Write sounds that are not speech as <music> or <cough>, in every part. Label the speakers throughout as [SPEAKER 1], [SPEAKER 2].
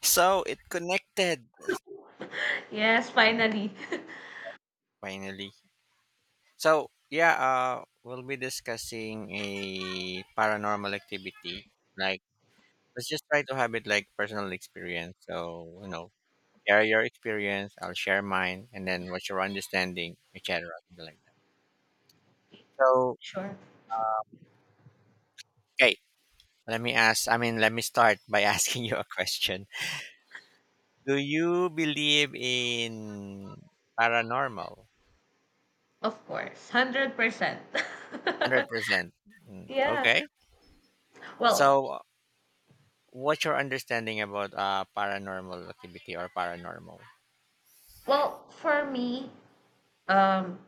[SPEAKER 1] So it connected
[SPEAKER 2] Yes, finally. <laughs>
[SPEAKER 1] finally. So yeah, we'll be discussing a paranormal activity. Like, let's just try to have it like personal experience. So you know, share your experience. I'll share mine, and then what's your understanding, etc. Something like that. So
[SPEAKER 2] Sure.
[SPEAKER 1] okay, let me ask. I mean, let me start by <laughs> asking you a question. Do you believe in paranormal?
[SPEAKER 2] Of course. 100%.
[SPEAKER 1] Hundred
[SPEAKER 2] <laughs>
[SPEAKER 1] percent.
[SPEAKER 2] Yeah.
[SPEAKER 1] Okay.
[SPEAKER 2] Well,
[SPEAKER 1] So what's your understanding about paranormal activity or paranormal?
[SPEAKER 2] well, for me, um,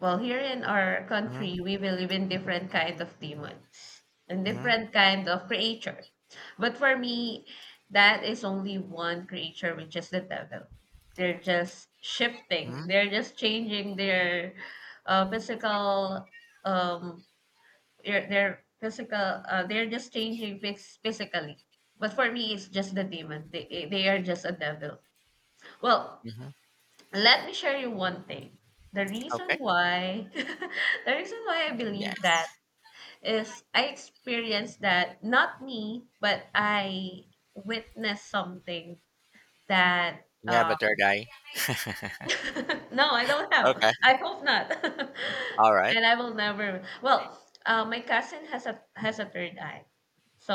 [SPEAKER 2] well, here in our
[SPEAKER 1] Mm-hmm,
[SPEAKER 2] country, we believe in different kind of demons and
[SPEAKER 1] mm-hmm,
[SPEAKER 2] different kind of creature. But for me, that is only one creature, which is the devil. They're just shifting.
[SPEAKER 1] mm-hmm,
[SPEAKER 2] They're just changing their physical um their physical they're just changing physically. But for me it's just the demon. They are just a devil. Well,
[SPEAKER 1] mm-hmm.
[SPEAKER 2] let me share you one thing. The reason
[SPEAKER 1] Okay.
[SPEAKER 2] why <laughs> the reason why I believe that
[SPEAKER 1] Yes.
[SPEAKER 2] is I experienced that. Not me, but I witnessed something that
[SPEAKER 1] You have a third eye.
[SPEAKER 2] <laughs> No, I don't have.
[SPEAKER 1] Okay.
[SPEAKER 2] I hope not. <laughs>
[SPEAKER 1] All right.
[SPEAKER 2] And I will never. Well, my cousin has a third eye.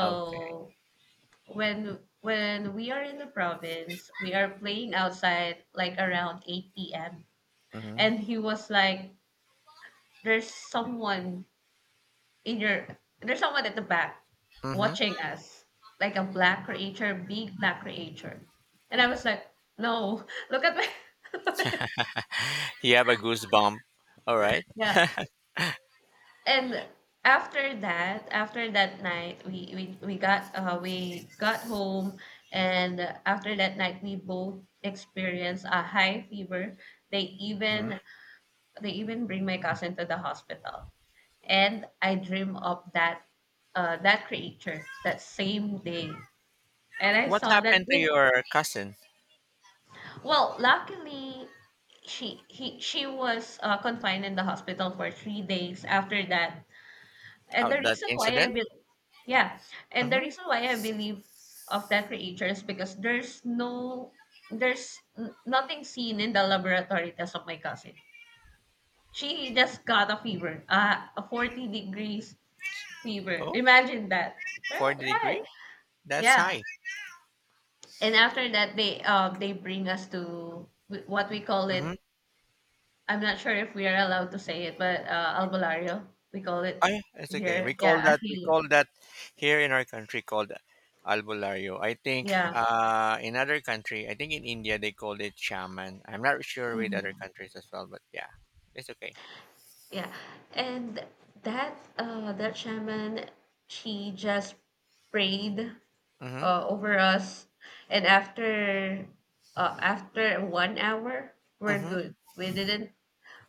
[SPEAKER 1] Okay.
[SPEAKER 2] when we are in the province, we are playing outside like around 8 p.m.
[SPEAKER 1] Mm-hmm,
[SPEAKER 2] And he was like, "There's someone in your there's someone at the back
[SPEAKER 1] mm-hmm.
[SPEAKER 2] watching us, like a black creature, big black creature." And I was like, "No, <laughs> look at my
[SPEAKER 1] You have a goosebump. All right.
[SPEAKER 2] <laughs> yeah." And after that night we got home. And after that night we both experienced a high fever. they
[SPEAKER 1] Mhm.
[SPEAKER 2] even they even bring my cousin to the hospital, and I dream of that that creature that same day, and I
[SPEAKER 1] What
[SPEAKER 2] saw that
[SPEAKER 1] happened to
[SPEAKER 2] in—
[SPEAKER 1] your cousin?
[SPEAKER 2] Well, luckily she was confined in the hospital for 3 days after that. And
[SPEAKER 1] Oh,
[SPEAKER 2] the
[SPEAKER 1] that
[SPEAKER 2] reason why I
[SPEAKER 1] incident?
[SPEAKER 2] believe— yeah, and the
[SPEAKER 1] Mm-hmm.
[SPEAKER 2] reason why I believe of that creature is because there's nothing seen in the laboratory test of my cousin. She just got a fever, a 40 degrees fever.
[SPEAKER 1] Oh,
[SPEAKER 2] Imagine that. Right,
[SPEAKER 1] 40 degree?
[SPEAKER 2] right.
[SPEAKER 1] That's
[SPEAKER 2] Yeah.
[SPEAKER 1] high.
[SPEAKER 2] And after that, they bring us to what we call it. I'm not sure if we are allowed to say it, but albulario, we call
[SPEAKER 1] Ah,
[SPEAKER 2] it
[SPEAKER 1] yeah, it's okay.
[SPEAKER 2] here.
[SPEAKER 1] We call
[SPEAKER 2] Yeah, a
[SPEAKER 1] that, we
[SPEAKER 2] healer.
[SPEAKER 1] call that here in our country called albulario. I think
[SPEAKER 2] Yeah.
[SPEAKER 1] in other country, I think in India they called it shaman. I'm not sure with other
[SPEAKER 2] Mm-hmm.
[SPEAKER 1] countries as well, but yeah, it's okay.
[SPEAKER 2] Yeah, and that shaman, she just prayed
[SPEAKER 1] Mm-hmm.
[SPEAKER 2] over us, and after 1 hour, we're
[SPEAKER 1] Mm-hmm.
[SPEAKER 2] good.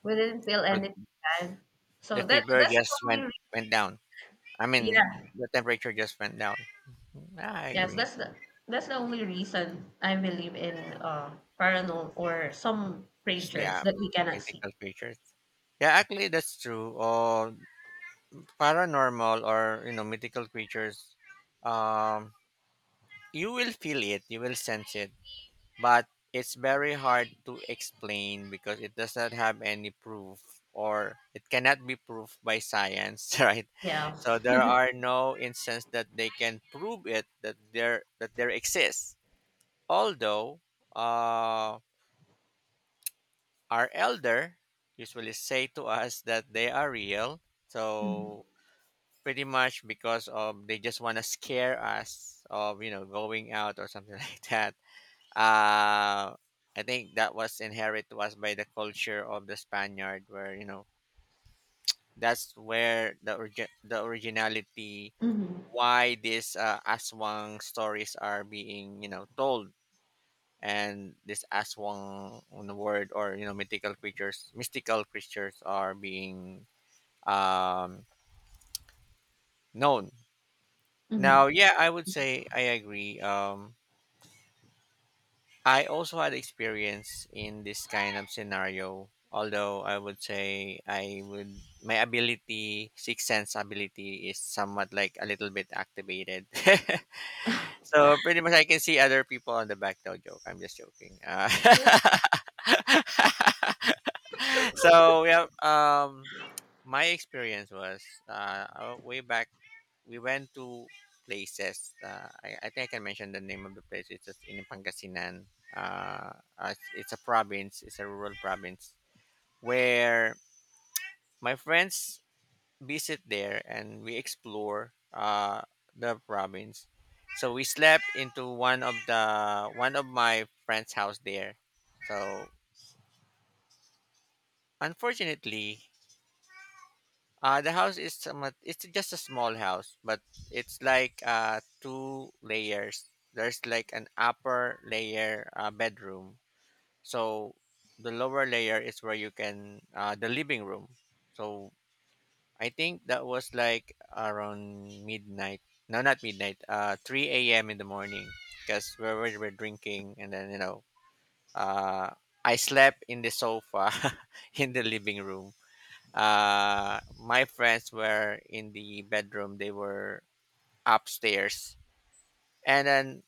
[SPEAKER 2] We didn't feel
[SPEAKER 1] So
[SPEAKER 2] anything bad. So
[SPEAKER 1] the fever
[SPEAKER 2] that's the
[SPEAKER 1] just
[SPEAKER 2] only
[SPEAKER 1] went
[SPEAKER 2] re—
[SPEAKER 1] down. I mean,
[SPEAKER 2] yeah,
[SPEAKER 1] the temperature just went down. I
[SPEAKER 2] yes,
[SPEAKER 1] agree.
[SPEAKER 2] that's the— that's the only reason I believe in paranormal or some
[SPEAKER 1] Just,
[SPEAKER 2] creatures
[SPEAKER 1] yeah,
[SPEAKER 2] that we cannot see.
[SPEAKER 1] mythical creatures. Yeah, actually that's true. Or paranormal or you know mythical creatures. Um, you will feel it. You will sense it, but it's very hard to explain because it does not have any proof, or it cannot be proved by science, <laughs> right?
[SPEAKER 2] Yeah.
[SPEAKER 1] So there are no instances that they can prove it that there exists, although uh, our elder usually say to us that they are real. So pretty much because of they just want to scare us of you know going out or something <laughs> like that. uh, I think that was inherent to us by the culture of the Spaniard, where you know that's where the originality
[SPEAKER 2] Mm-hmm.
[SPEAKER 1] why these aswang stories are being you know told, and this aswang on the word or you know mythical creatures, mystical creatures are being um known
[SPEAKER 2] Mm-hmm.
[SPEAKER 1] now. Yeah, I would say I agree. I also had experience in this kind of scenario. Although I would say I would my ability, sixth sense ability, is somewhat like a little bit activated. <laughs> So pretty much I can see other people on the back. No joke. I'm just joking. <laughs> So yeah, my experience was way back. We went to places. I think I can mention the name of the place. It's just in Pangasinan. Uh, it's a province. It's a rural province where my friends visit there and we explore the province. So we slept into one of my friend's house there. So unfortunately, the house is somewhat, it's just a small house, but it's like two layers. There's like an upper layer bedroom. So the lower layer is where you can, the living room. So I think that was like around midnight. No, not midnight, 3 a.m. in the morning because we were drinking and then, you know, uh, I slept in the sofa <laughs> in the living room. My friends were in the bedroom. They were upstairs, and then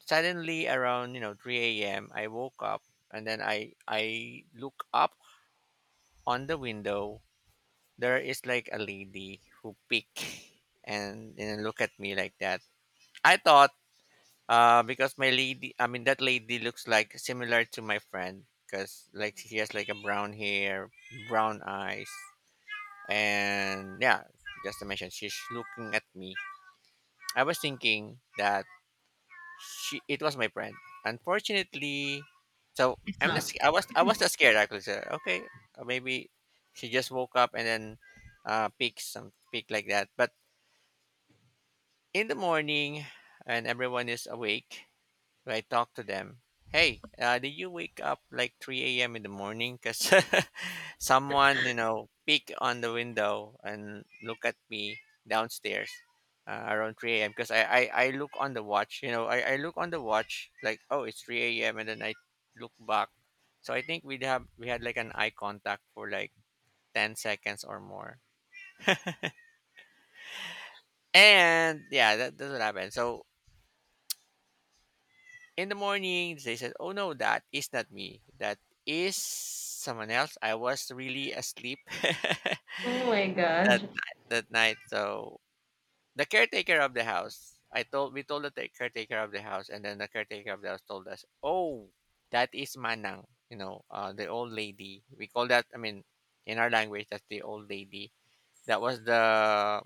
[SPEAKER 1] suddenly around you know 3 a.m. I woke up, and then I look up on the window. There is like a lady who peek <laughs> and look at me like that. I thought because my lady, I mean that lady looks like similar to my friend because like she has like a brown hair, brown eyes, and yeah, just to mention she's looking at me. I was thinking that she it was my friend, unfortunately. So
[SPEAKER 2] It's not.
[SPEAKER 1] I was not scared actually, so, okay. Maybe she just woke up and then pick some pick like that. But in the morning and everyone is awake, I talk to them. Hey, did you wake up like 3 a.m. in the morning? Because <laughs> someone, you know, peek on the window and look at me downstairs around 3 a.m. Because I look on the watch, you know, I look on the watch like, oh, it's 3 a.m. And then I look back. So I think we had like an eye contact for like 10 seconds or more. And yeah, that's what happened. So in the morning they said, oh no, that is not me, that is someone else, I was really asleep. <laughs>
[SPEAKER 2] Oh my
[SPEAKER 1] That
[SPEAKER 2] gosh.
[SPEAKER 1] night, so the caretaker of the house, I told we told the caretaker of the house, and then the caretaker of the house told us, oh, that is manang, you know, the old lady, we call that. I mean in our language that's the old lady, that was the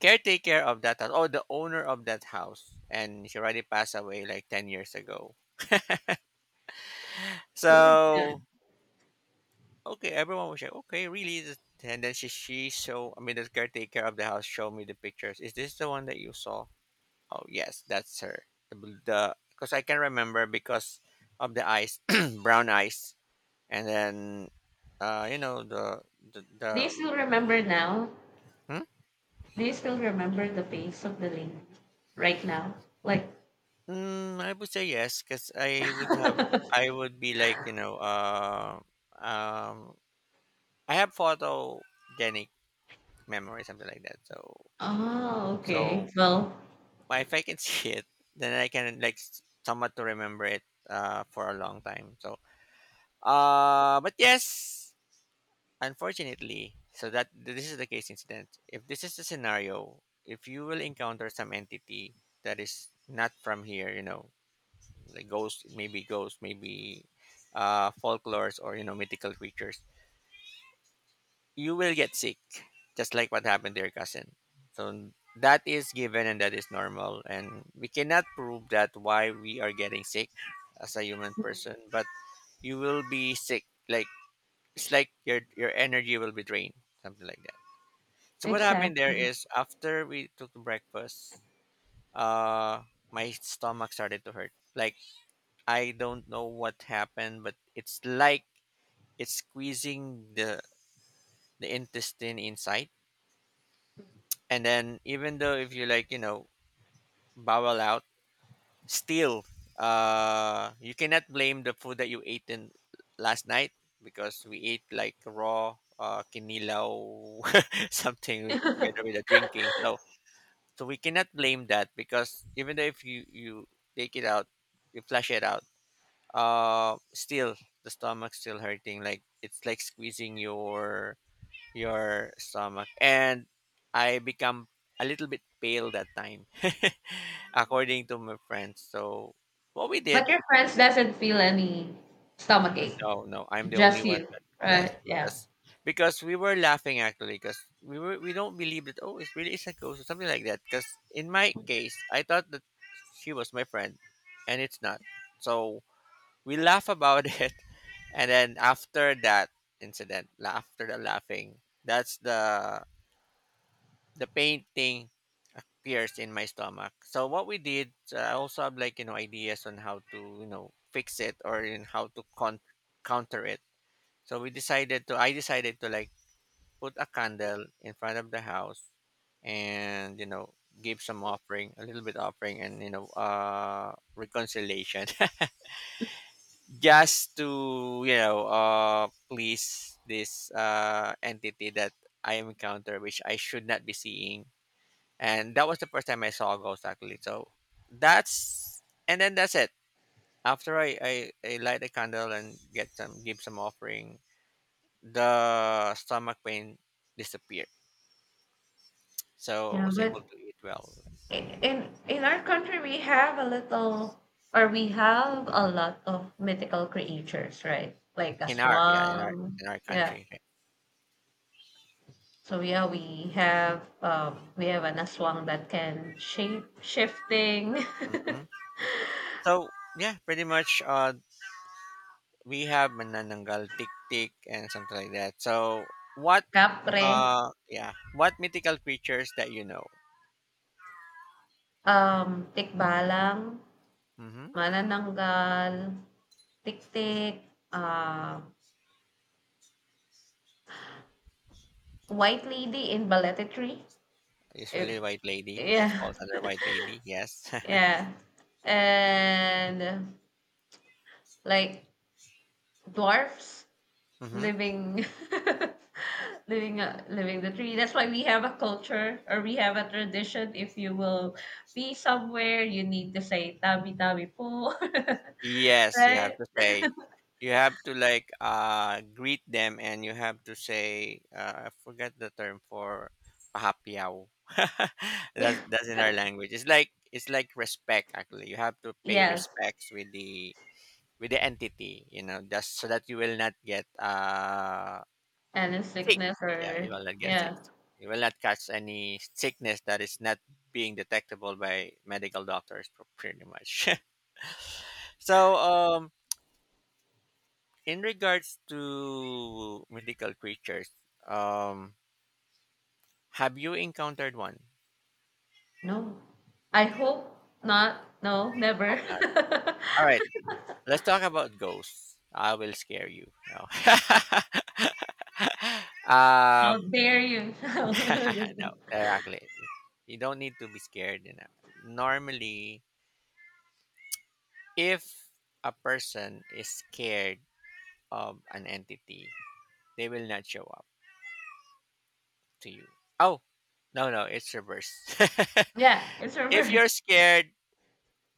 [SPEAKER 1] caretaker of that house, oh, the owner of that house, and she already passed away like 10 years ago.
[SPEAKER 2] Totally
[SPEAKER 1] So
[SPEAKER 2] done.
[SPEAKER 1] okay, everyone was like, okay, really? And then she show, I mean the caretaker of the house showed me the pictures. Is this the one that you saw? Oh yes, that's her. The bl- the Because I can remember because of the eyes, <clears throat> brown eyes, and then you know the
[SPEAKER 2] Do you still remember now?
[SPEAKER 1] hmm?
[SPEAKER 2] Do you still remember the face of the lady right now? Like,
[SPEAKER 1] I would say yes, because I would have, I would be like you know um I have photogenic memory, something like that. so
[SPEAKER 2] oh, okay.
[SPEAKER 1] so
[SPEAKER 2] Well,
[SPEAKER 1] well, if I can <laughs> see it, then I can like somewhat to remember it for a long time. So, but yes, unfortunately, so that this is the case incident. If this is the scenario, if you will encounter some entity that is not from here, you know, like ghost, maybe folklores or you know mythical creatures, you will get sick, just like what happened to your cousin. So that is given and that is normal, and we cannot prove that why we are getting sick as a human person. But you will be sick, like it's like your energy will be drained, something like that. So what happened there
[SPEAKER 2] exactly.
[SPEAKER 1] is after we took the breakfast, uh, my stomach started to hurt. Like I don't know what happened, but it's like it's squeezing the intestine inside. And then even though if you like you know bowel out, still you cannot blame the food that you ate in last night, because we ate like raw kinilaw <laughs> something with, together
[SPEAKER 2] <laughs>
[SPEAKER 1] with the drinking. So so we cannot blame that, because even though if you take it out, you flush it out, still the stomach's still hurting, like it's like squeezing your stomach. And I become a little bit pale that time, <laughs> according to my friends. So what we did,
[SPEAKER 2] But your friends doesn't feel any stomach ache.
[SPEAKER 1] no, no, I'm the only
[SPEAKER 2] Just
[SPEAKER 1] one.
[SPEAKER 2] you,
[SPEAKER 1] That, yes,
[SPEAKER 2] right? Yeah.
[SPEAKER 1] that's, because we were laughing actually, because we don't believe that oh it really is a ghost or something like that. Because in my case, I thought that she was my friend, and it's not. So we laugh about <laughs> it, and then after that incident, after the laughing, that's the pain thing appears in my stomach. So what we did, I also have like you know ideas on how to you know fix it or in how to counter it. So we decided to I decided to like put a candle in front of the house and you know give some offering, a little bit offering, and you know reconciliation <laughs> just to you know please this entity that I encounter which I should not be seeing. And that was the first time I saw a ghost actually. So that's, and then that's it. After I light a candle and get some give some offering, the stomach pain disappeared. So I
[SPEAKER 2] Yeah,
[SPEAKER 1] was able
[SPEAKER 2] but
[SPEAKER 1] to eat well
[SPEAKER 2] in our country we have a little or we have a lot of mythical creatures, right? Like a
[SPEAKER 1] in our, yeah, in our,
[SPEAKER 2] swan.
[SPEAKER 1] in our
[SPEAKER 2] Yeah.
[SPEAKER 1] country.
[SPEAKER 2] So yeah, we have an aswang that can shape shifting,
[SPEAKER 1] Hmm. So yeah, pretty much we have manananggal, tik tik, and something like that. So what,
[SPEAKER 2] <laughs> kapre,
[SPEAKER 1] yeah, what mythical creatures that you know?
[SPEAKER 2] tikbalang,
[SPEAKER 1] Hmm.
[SPEAKER 2] manananggal, tiktik, uh, white lady in balletry. It,
[SPEAKER 1] Usually white lady. That
[SPEAKER 2] yeah,
[SPEAKER 1] falls under white lady. Yes. <laughs>
[SPEAKER 2] yeah, and like dwarfs.
[SPEAKER 1] Hmm.
[SPEAKER 2] Living <laughs> living the tree. That's why we have a culture or we have a tradition, if you will be somewhere you need to say tabi tabi po, <laughs>
[SPEAKER 1] Yes, you have
[SPEAKER 2] right?
[SPEAKER 1] to say. You have to like greet them, and you have to say. I forget the term for pahapiao. <laughs>
[SPEAKER 2] Yeah.
[SPEAKER 1] That's in our language. It's like, it's like respect. Actually, you have to pay
[SPEAKER 2] Yes.
[SPEAKER 1] respects with the entity. You know, just so that you will not get
[SPEAKER 2] And in
[SPEAKER 1] sick.
[SPEAKER 2] sickness
[SPEAKER 1] Yeah,
[SPEAKER 2] or—
[SPEAKER 1] you will not get sick.
[SPEAKER 2] yeah.
[SPEAKER 1] You will not catch any sickness that is not being detectable by medical doctors, pretty much. <laughs> So, in regards to mythical creatures, um, have you encountered one
[SPEAKER 2] No, I hope not. No,
[SPEAKER 1] of
[SPEAKER 2] never.
[SPEAKER 1] that? All right,
[SPEAKER 2] <laughs>
[SPEAKER 1] let's talk about ghosts. I will scare you. No. <laughs>
[SPEAKER 2] How
[SPEAKER 1] um,
[SPEAKER 2] dare you? <laughs>
[SPEAKER 1] <laughs>
[SPEAKER 2] Just
[SPEAKER 1] no,
[SPEAKER 2] kidding.
[SPEAKER 1] exactly. You don't need to be scared. You know. Normally, if a person is scared of an entity, they will not show up to you. Oh, no, it's reverse.
[SPEAKER 2] Yeah, it's
[SPEAKER 1] <laughs> If
[SPEAKER 2] over.
[SPEAKER 1] you're scared,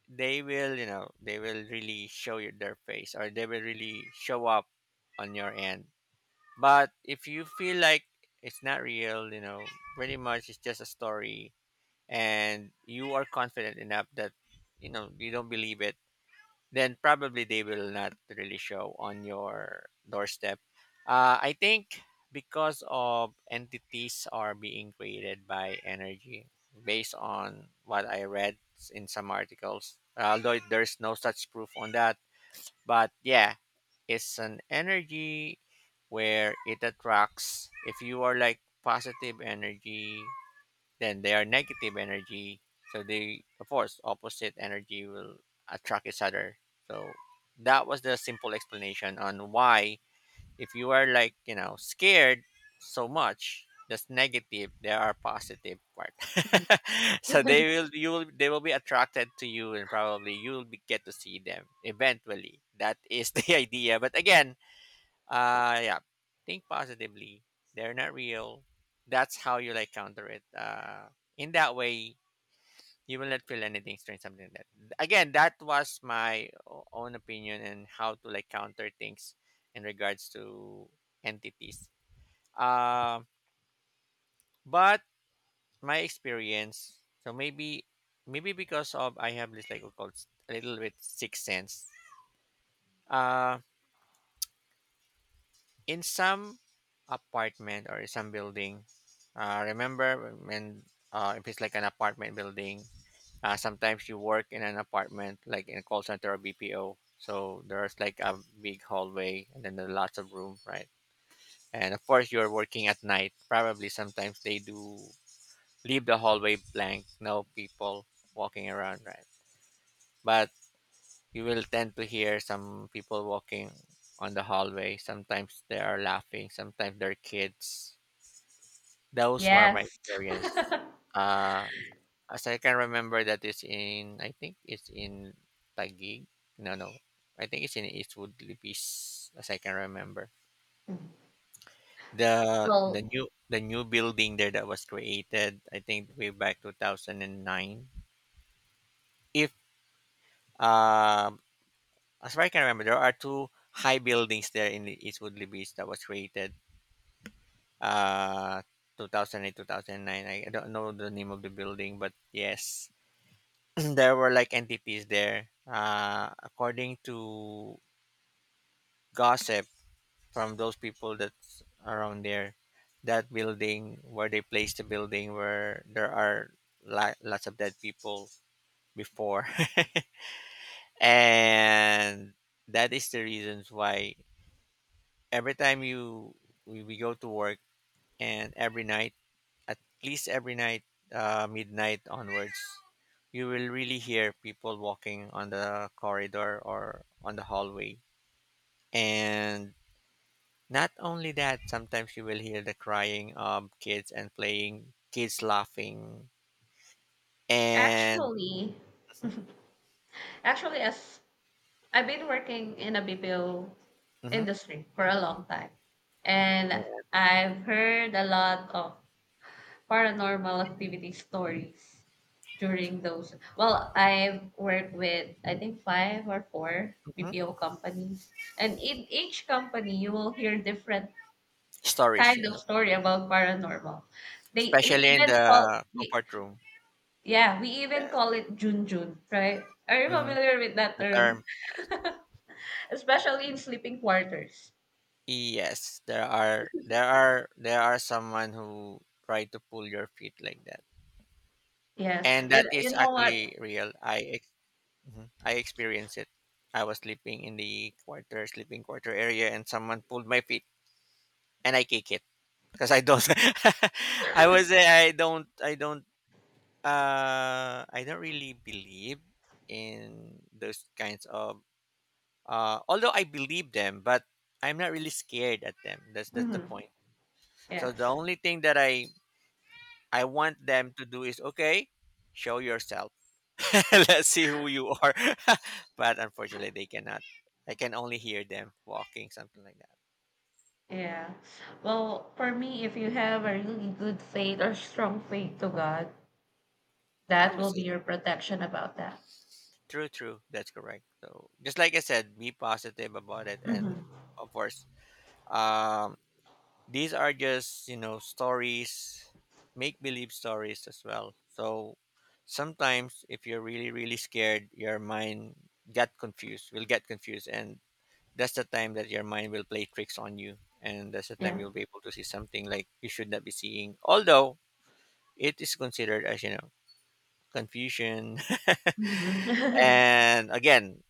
[SPEAKER 1] they will, they will really show you their face, or they will really show up on your end. But if you feel like it's not real, pretty much it's just a story, and you are confident enough that, you don't believe it, then probably they will not really show on your doorstep. I think because of entities are being created by energy, based on what I read in some articles, although there's no such proof on that. But yeah, it's an energy where it attracts. If you are like positive energy, then they are negative energy, so they, of course, opposite energy will attract each other. So that was the simple explanation on why if you are like scared so much, that's negative, there are positive part. <laughs> So they
[SPEAKER 2] <laughs>
[SPEAKER 1] will, you will, they will be attracted to you, and probably you will be, get to see them eventually. That is the <laughs> idea. But again, yeah. Think positively. They're not real. That's how you like counter it. In that way, you will not feel anything strange. Something like that. Again, that was my own opinion and how to like counter things in regards to entities. Um, but my experience. So maybe, maybe because of I have this like what called a little bit sixth sense. Uh, in some apartment or some building, remember when if it's like an apartment building, sometimes you work in an apartment like in a call center or BPO. So there's like a big hallway, and then there are lots of room, right? And of course you're working at night. Probably sometimes they do leave the hallway blank, no people walking around, right? But you will tend to hear some people walking on the hallway. Sometimes they are laughing, sometimes they're kids. Those were my
[SPEAKER 2] Yes.
[SPEAKER 1] experience.
[SPEAKER 2] <laughs>
[SPEAKER 1] Uh, as I can remember, that is in, I think it's in Taguig. No, I think it's in Eastwood Libis, as I can remember. The the
[SPEAKER 2] Well,
[SPEAKER 1] new the new building there that was created, I think way back 2009. If um, as far as I can remember, there are two high buildings there in the Eastwood Libis that was created. Uh, 2008 2009 I don't know the name of the building, but yes, <clears throat> there were like NPPs there. According to gossip from those people that's around there, that building where they placed, the building where there are lots of dead people before, <laughs> and that is the reasons why every time you we go to work, and every night, at least every night, midnight onwards, you will really hear people walking on the corridor or on the hallway. And not only that, sometimes you will hear the crying of kids and playing, kids laughing, and
[SPEAKER 2] actually
[SPEAKER 1] mhm,
[SPEAKER 2] actually as I've been working in a BPO
[SPEAKER 1] mhm,
[SPEAKER 2] industry for a long time,
[SPEAKER 1] yeah,
[SPEAKER 2] and I've heard a lot of paranormal activity stories during those. Well, I've worked with I think five or four
[SPEAKER 1] mhm.
[SPEAKER 2] BPO companies, and in each company you will hear different
[SPEAKER 1] Stories,
[SPEAKER 2] kind
[SPEAKER 1] yes.
[SPEAKER 2] of story about paranormal. They we
[SPEAKER 1] Especially in
[SPEAKER 2] even call
[SPEAKER 1] the
[SPEAKER 2] we
[SPEAKER 1] comfort room.
[SPEAKER 2] Yeah, we even
[SPEAKER 1] Yes,
[SPEAKER 2] call it Jun Jun, right? Are you
[SPEAKER 1] hmm,
[SPEAKER 2] familiar with that
[SPEAKER 1] the term.
[SPEAKER 2] term? <laughs> Especially in sleeping quarters.
[SPEAKER 1] Yes, there are, there are someone who try to pull your feet like that,
[SPEAKER 2] Yes,
[SPEAKER 1] and that
[SPEAKER 2] you
[SPEAKER 1] is
[SPEAKER 2] know what?
[SPEAKER 1] actually real. Mhm, I experienced it. I was sleeping in the quarter, sleeping quarter area, and someone pulled my feet, and I kick it. Because I don't. <laughs> I don't, I don't really believe in those kinds of, although I believe them, but I'm not really scared at them. That's the
[SPEAKER 2] Hmm.
[SPEAKER 1] point.
[SPEAKER 2] Yeah,
[SPEAKER 1] So the only thing that I want them to do is okay, show yourself. <laughs> Let's see who you are. <laughs> But unfortunately they cannot. I can only hear them walking, something like that.
[SPEAKER 2] yeah. Well, for me, if you have a really good faith or strong faith to God,
[SPEAKER 1] I
[SPEAKER 2] that will
[SPEAKER 1] was
[SPEAKER 2] be your protection about that.
[SPEAKER 1] true, true. That's correct. So just like I said, be positive about it,
[SPEAKER 2] Hmm.
[SPEAKER 1] and of course, um, these are just stories, make believe stories as well. So sometimes, if you're really really scared, your mind get confused, will get confused, and that's the time that your mind will play tricks on you, and that's the time
[SPEAKER 2] Yeah.
[SPEAKER 1] you'll be able to see something like you should not be seeing. Although it is considered as confusion,
[SPEAKER 2] Hmm.
[SPEAKER 1] <laughs>
[SPEAKER 2] <laughs>
[SPEAKER 1] and again,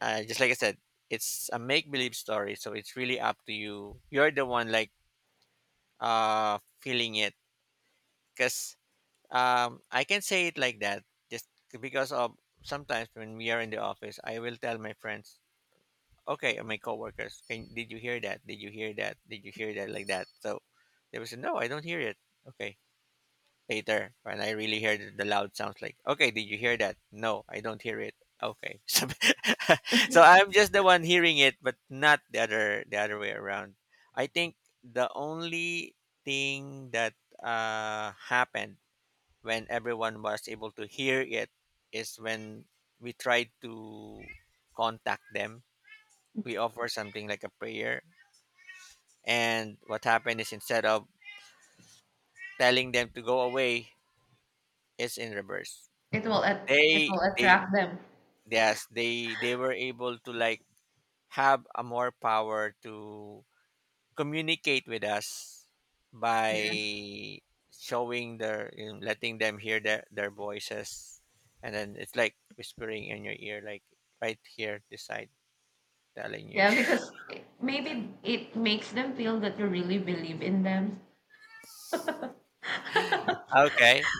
[SPEAKER 1] just like I said, it's a make believe story, so it's really up to you. You're the one like feeling it, because I can say it like that just because of sometimes when we are in the office, I will tell my friends, okay, and my coworkers, can did you hear that? Did you hear that? Did you hear that? Like that. So they will say, no, I don't hear it. Okay, later when I really hear the loud sounds like, okay, did you hear that? No, I don't hear it. Okay. <laughs> So, <laughs> so I'm just the one hearing it, but not the other way around. I think the only thing that happened when everyone was able to hear it is when we tried to contact them. We offer something like a prayer, and what happened is instead of telling them to go away, it's in reverse.
[SPEAKER 2] It will at— it will
[SPEAKER 1] They
[SPEAKER 2] attract them.
[SPEAKER 1] Yes, they were able to like have a more power to communicate with us by
[SPEAKER 2] Yes.
[SPEAKER 1] showing their, letting them hear their voices, and then it's like whispering in your ear like right here this side telling you
[SPEAKER 2] Yeah,
[SPEAKER 1] shh,
[SPEAKER 2] because it,
[SPEAKER 1] like that.
[SPEAKER 2] maybe it makes them feel that you really believe in them.
[SPEAKER 1] Okay.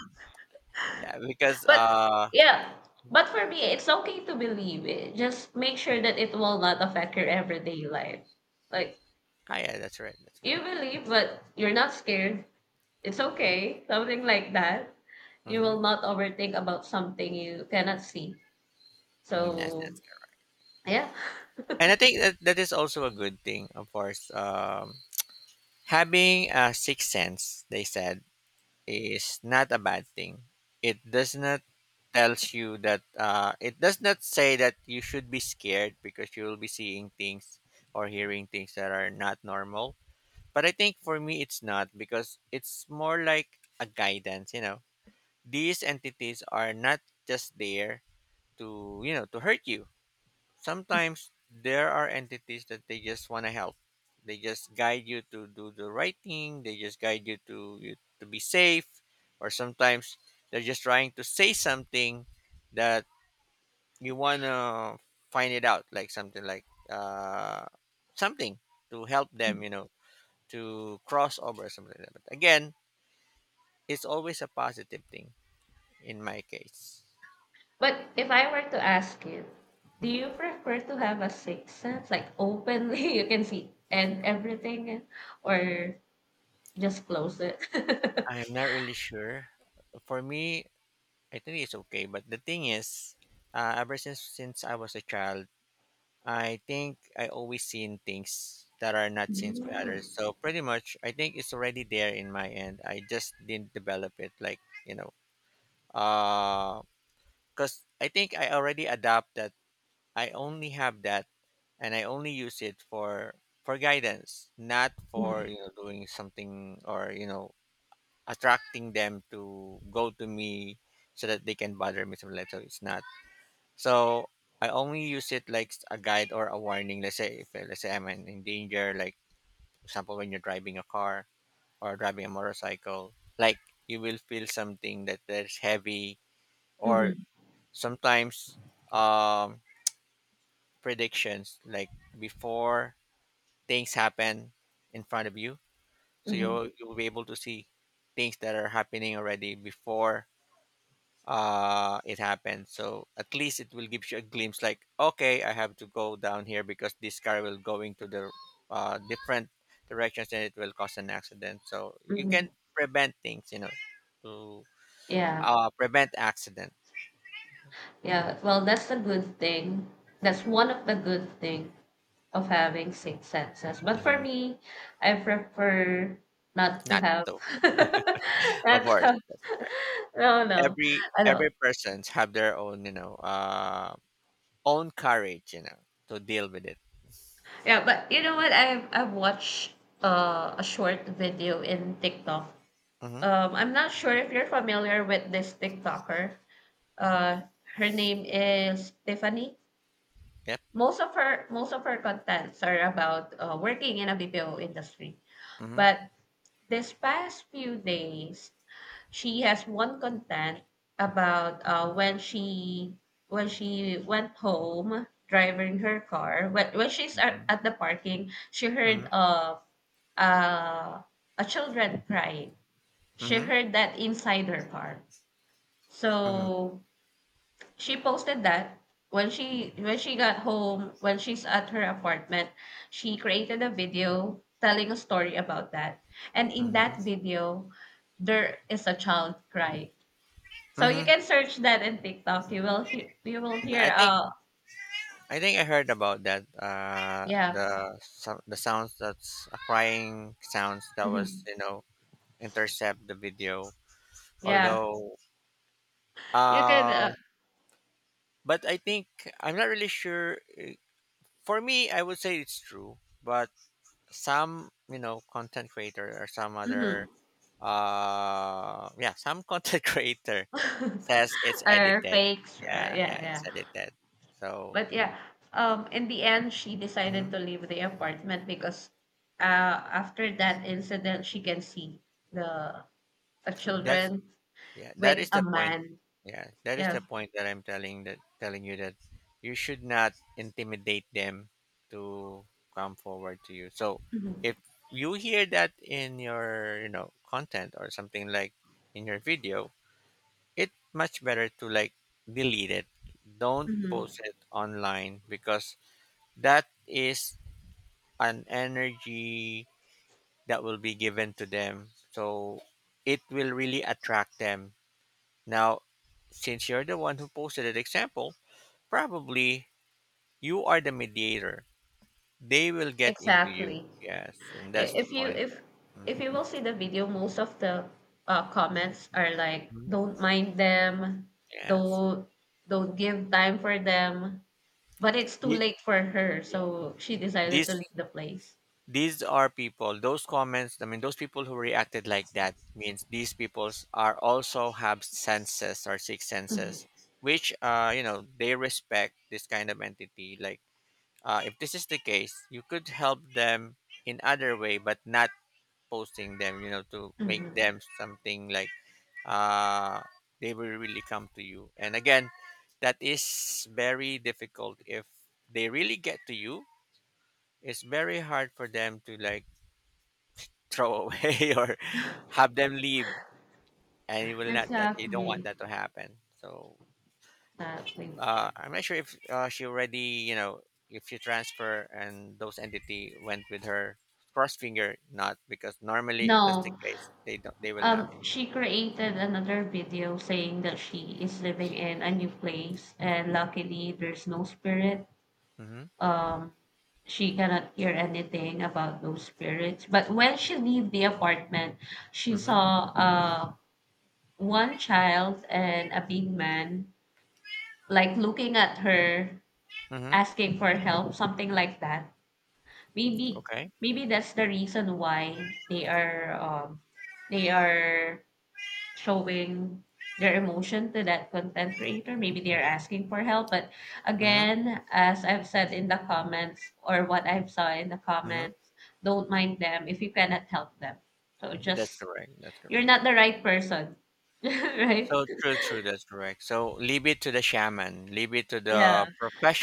[SPEAKER 1] Yeah, because
[SPEAKER 2] But yeah, but for me, it's okay to believe it. Just make sure that it will not affect your everyday life. Like—
[SPEAKER 1] ah, yeah, that's right, that's
[SPEAKER 2] you
[SPEAKER 1] right.
[SPEAKER 2] believe, but you're not scared. It's okay. Something like that. You
[SPEAKER 1] Mm-hmm.
[SPEAKER 2] will not overthink about something you cannot see.
[SPEAKER 1] Mm, yes,
[SPEAKER 2] So,
[SPEAKER 1] yes.
[SPEAKER 2] yeah. <laughs>
[SPEAKER 1] And I think that that is also a good thing. Of course, having a sixth sense, they said, is not a bad thing. It does not tells you that it does not say that you should be scared because you will be seeing things or hearing things that are not normal. But I think for me it's not, because it's more like a guidance, you know. These entities are not just there to, you know, to hurt you. Sometimes there are entities that they just want to help. They just guide you to do the right thing. They just guide you to you, to be safe, or sometimes they're just trying to say something that you want to find it out, like something to help them, you know, to cross over or something like that. But again, it's always a positive thing in my case.
[SPEAKER 2] But if I were to ask you, do
[SPEAKER 1] Mhm.
[SPEAKER 2] you prefer to have a sixth sense? Like openly <laughs> you can see and everything, or just close it? <laughs>
[SPEAKER 1] I'm not really sure. For me, I think it's okay. But the thing is, ever since I was a child, I think I always seen things that are not seen by
[SPEAKER 2] Mhm.
[SPEAKER 1] others. So pretty much, I think it's already there in my end. I just didn't develop it, like you know, because I think I already adapt that. I only have that, and I only use it for guidance, not for
[SPEAKER 2] Mhm.
[SPEAKER 1] doing something or attracting them to go to me so that they can bother me. So like, so it's not. So I only use it like a guide or a warning. Let's say if let's say I'm in danger, like for example when you're driving a car or driving a motorcycle, like you will feel something that that's heavy or
[SPEAKER 2] Mhm.
[SPEAKER 1] sometimes um predictions like before things happen in front of you. So you will
[SPEAKER 2] Mhm.
[SPEAKER 1] you'll be able to see things that are happening already before it happens, so at least it will give you a glimpse like okay, I have to go down here because this car will going to the different directions and it will cause an accident, so you can
[SPEAKER 2] Mhm.
[SPEAKER 1] prevent things, you know, to
[SPEAKER 2] Yeah.
[SPEAKER 1] prevent accident.
[SPEAKER 2] Yeah. Well, that's the good thing. That's one of the good thing of having six senses. But for
[SPEAKER 1] Hmm,
[SPEAKER 2] me, I prefer not to
[SPEAKER 1] not
[SPEAKER 2] have.
[SPEAKER 1] to
[SPEAKER 2] <laughs> Not to
[SPEAKER 1] avoid,
[SPEAKER 2] have.
[SPEAKER 1] that's
[SPEAKER 2] <laughs>
[SPEAKER 1] correct.
[SPEAKER 2] No, no,
[SPEAKER 1] every
[SPEAKER 2] I
[SPEAKER 1] every
[SPEAKER 2] don't.
[SPEAKER 1] persons have their own, own courage, you know, to deal with it.
[SPEAKER 2] Yeah, but you know what? I've watched a short video in TikTok.
[SPEAKER 1] Mm-hmm.
[SPEAKER 2] I'm not sure if you're familiar with this TikToker. Uh, Her name is Tiffany.
[SPEAKER 1] Yep.
[SPEAKER 2] Most of her contents are about working in a BPO industry.
[SPEAKER 1] Mm-hmm.
[SPEAKER 2] But this past few days, she has one content about when she went home driving her car. When she's
[SPEAKER 1] Mm-hmm.
[SPEAKER 2] at the parking, she
[SPEAKER 1] Mm-hmm.
[SPEAKER 2] heard of uh, a children crying. She heard that inside her car.
[SPEAKER 1] Mm-hmm. Mm-hmm.
[SPEAKER 2] So she posted that when she— got home, when she's at her apartment, she created a video telling a story about that. And in
[SPEAKER 1] Mm-hmm.
[SPEAKER 2] that video, there is a child crying. So you
[SPEAKER 1] Mm-hmm.
[SPEAKER 2] can search that in TikTok. You will hear— you will
[SPEAKER 1] I
[SPEAKER 2] hear
[SPEAKER 1] think, I think I heard about that.
[SPEAKER 2] yeah.
[SPEAKER 1] The the sounds that's crying sounds, that was,
[SPEAKER 2] Mhm.
[SPEAKER 1] you know, intercept the video.
[SPEAKER 2] Yeah.
[SPEAKER 1] Although,
[SPEAKER 2] You can
[SPEAKER 1] uh, but I think I'm not really sure. For me, I would say it's true. But some, you know, content creator or some other,
[SPEAKER 2] mhm.
[SPEAKER 1] yeah, some <laughs> content creator says it's
[SPEAKER 2] Or
[SPEAKER 1] edited.
[SPEAKER 2] fakes. Right?
[SPEAKER 1] Yeah,
[SPEAKER 2] Yeah,
[SPEAKER 1] yeah,
[SPEAKER 2] yeah.
[SPEAKER 1] it's edited. So
[SPEAKER 2] But yeah, in the end she
[SPEAKER 1] mhm.
[SPEAKER 2] decided to leave the apartment because after that incident she can see the— the
[SPEAKER 1] That's,
[SPEAKER 2] children
[SPEAKER 1] yeah, that
[SPEAKER 2] with
[SPEAKER 1] is
[SPEAKER 2] a
[SPEAKER 1] the point.
[SPEAKER 2] man.
[SPEAKER 1] Yeah, that is
[SPEAKER 2] Yeah.
[SPEAKER 1] the point that I'm telling that, telling you that you should not intimidate them to come forward to you. So
[SPEAKER 2] Mhm.
[SPEAKER 1] if you hear that in your, you know, content or something like in your video, it much better to like delete it. Don't
[SPEAKER 2] Mhm.
[SPEAKER 1] post it online, because that is an energy that will be given to them. So it will really attract them now. Since you're the one who posted that, example, probably you are the mediator. They will get into you.
[SPEAKER 2] Exactly.
[SPEAKER 1] Yes, and that's the
[SPEAKER 2] If you
[SPEAKER 1] point
[SPEAKER 2] if—
[SPEAKER 1] there.
[SPEAKER 2] if you will see the video, most of the comments are like
[SPEAKER 1] Mhm.
[SPEAKER 2] don't mind them,
[SPEAKER 1] Yes.
[SPEAKER 2] don't don't give time for them, but it's too
[SPEAKER 1] These,
[SPEAKER 2] late for her,
[SPEAKER 1] yeah.
[SPEAKER 2] so she decided to
[SPEAKER 1] These
[SPEAKER 2] leave the place.
[SPEAKER 1] these are people. Those comments. I mean, those people who reacted like that means these peoples are also have senses or six
[SPEAKER 2] Mhm.
[SPEAKER 1] senses, which you know they respect this kind of entity. Like if this is the case, you could help them in other way, but not posting them, you know, to make
[SPEAKER 2] Mhm.
[SPEAKER 1] them something like uh they will really come to you. And again, that is very difficult if they really get to you. It's very hard for them to like throw away <laughs> or have them leave, and you will not, that you don't want
[SPEAKER 2] Exactly.
[SPEAKER 1] that to happen. So
[SPEAKER 2] Exactly.
[SPEAKER 1] I'm not sure if she already, you know, if you transfer and those entity went with her, cross finger not, because normally if that's the
[SPEAKER 2] No,
[SPEAKER 1] case, they don't, they will not.
[SPEAKER 2] she created another video saying that she is living in a new place and luckily there's no spirit.
[SPEAKER 1] Mm-hmm.
[SPEAKER 2] um, she cannot hear anything about those spirits. But when she leave the apartment, she
[SPEAKER 1] Mm-hmm.
[SPEAKER 2] saw one child and a big man like looking at her,
[SPEAKER 1] Mm-hmm.
[SPEAKER 2] asking for help, something like that. Maybe—
[SPEAKER 1] Okay.
[SPEAKER 2] maybe that's the reason why they are showing their emotion to that content creator. Maybe they're asking for help. But
[SPEAKER 1] Mm-hmm.
[SPEAKER 2] again, as I've said in the comments or what I've saw in the
[SPEAKER 1] Mm-hmm.
[SPEAKER 2] comments, don't mind them if you cannot help them. So
[SPEAKER 1] That's
[SPEAKER 2] just—
[SPEAKER 1] correct. That's
[SPEAKER 2] you're
[SPEAKER 1] correct.
[SPEAKER 2] not the right person. <laughs> Right?
[SPEAKER 1] So true, true. That's correct. So leave it to the shaman. Leave it to
[SPEAKER 2] Yeah.
[SPEAKER 1] the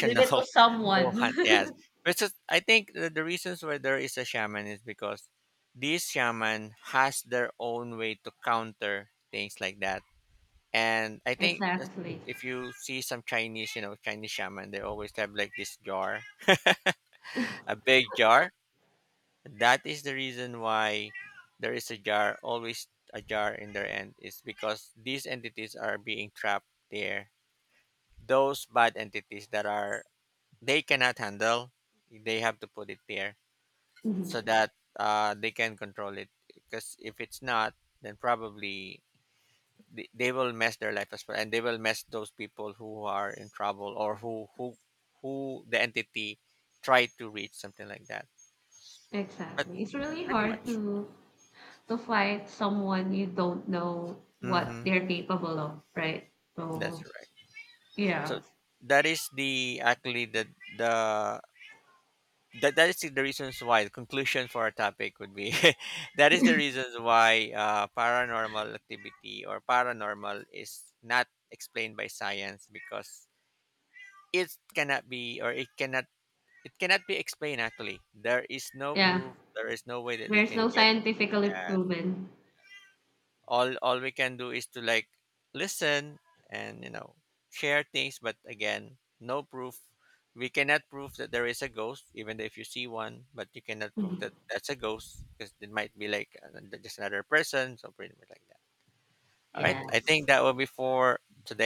[SPEAKER 2] Leave it to
[SPEAKER 1] <laughs> who
[SPEAKER 2] someone.
[SPEAKER 1] hunt. Yes,
[SPEAKER 2] <laughs>
[SPEAKER 1] which is I think the reasons why there is a shaman is because these shaman has their own way to counter things like that. And I think that
[SPEAKER 2] Exactly.
[SPEAKER 1] if you see some Chinese, you know, Chinese shaman, they always have like this jar, a big jar. That is the reason why there is a jar, always a jar in their end, is because these entities are being trapped there. Those bad entities that are they cannot handle, they have to put it there
[SPEAKER 2] Mhm.
[SPEAKER 1] so that they can control it. Because if it's not, then probably they will mess their life as well, and they will mess those people who are in trouble or who who the entity tried to reach, something like that. But
[SPEAKER 2] Exactly. It's really
[SPEAKER 1] pretty
[SPEAKER 2] hard
[SPEAKER 1] much,
[SPEAKER 2] to— to fight someone you don't know what
[SPEAKER 1] mm-hmm,
[SPEAKER 2] they're capable of, right?
[SPEAKER 1] that's
[SPEAKER 2] So
[SPEAKER 1] right. So
[SPEAKER 2] yeah.
[SPEAKER 1] that is the actually the, that, that is the reasons why the conclusion for our topic would be <laughs> that is the reasons why paranormal activity or paranormal is not explained by science because it cannot be, or it cannot, it cannot be explained. Actually, there is no
[SPEAKER 2] Yeah.
[SPEAKER 1] proof, there is no way that they
[SPEAKER 2] There's
[SPEAKER 1] can
[SPEAKER 2] no
[SPEAKER 1] get.
[SPEAKER 2] scientifically
[SPEAKER 1] Yeah,
[SPEAKER 2] proven.
[SPEAKER 1] all we can do is to like listen and, you know, share things, but again, no proof. We cannot prove that there is a ghost, even if you see one, but you cannot prove that
[SPEAKER 2] <laughs>
[SPEAKER 1] that's a ghost, because it might be like just another person, so pretty much like that. All right, I
[SPEAKER 2] Yes.
[SPEAKER 1] think that will be for today.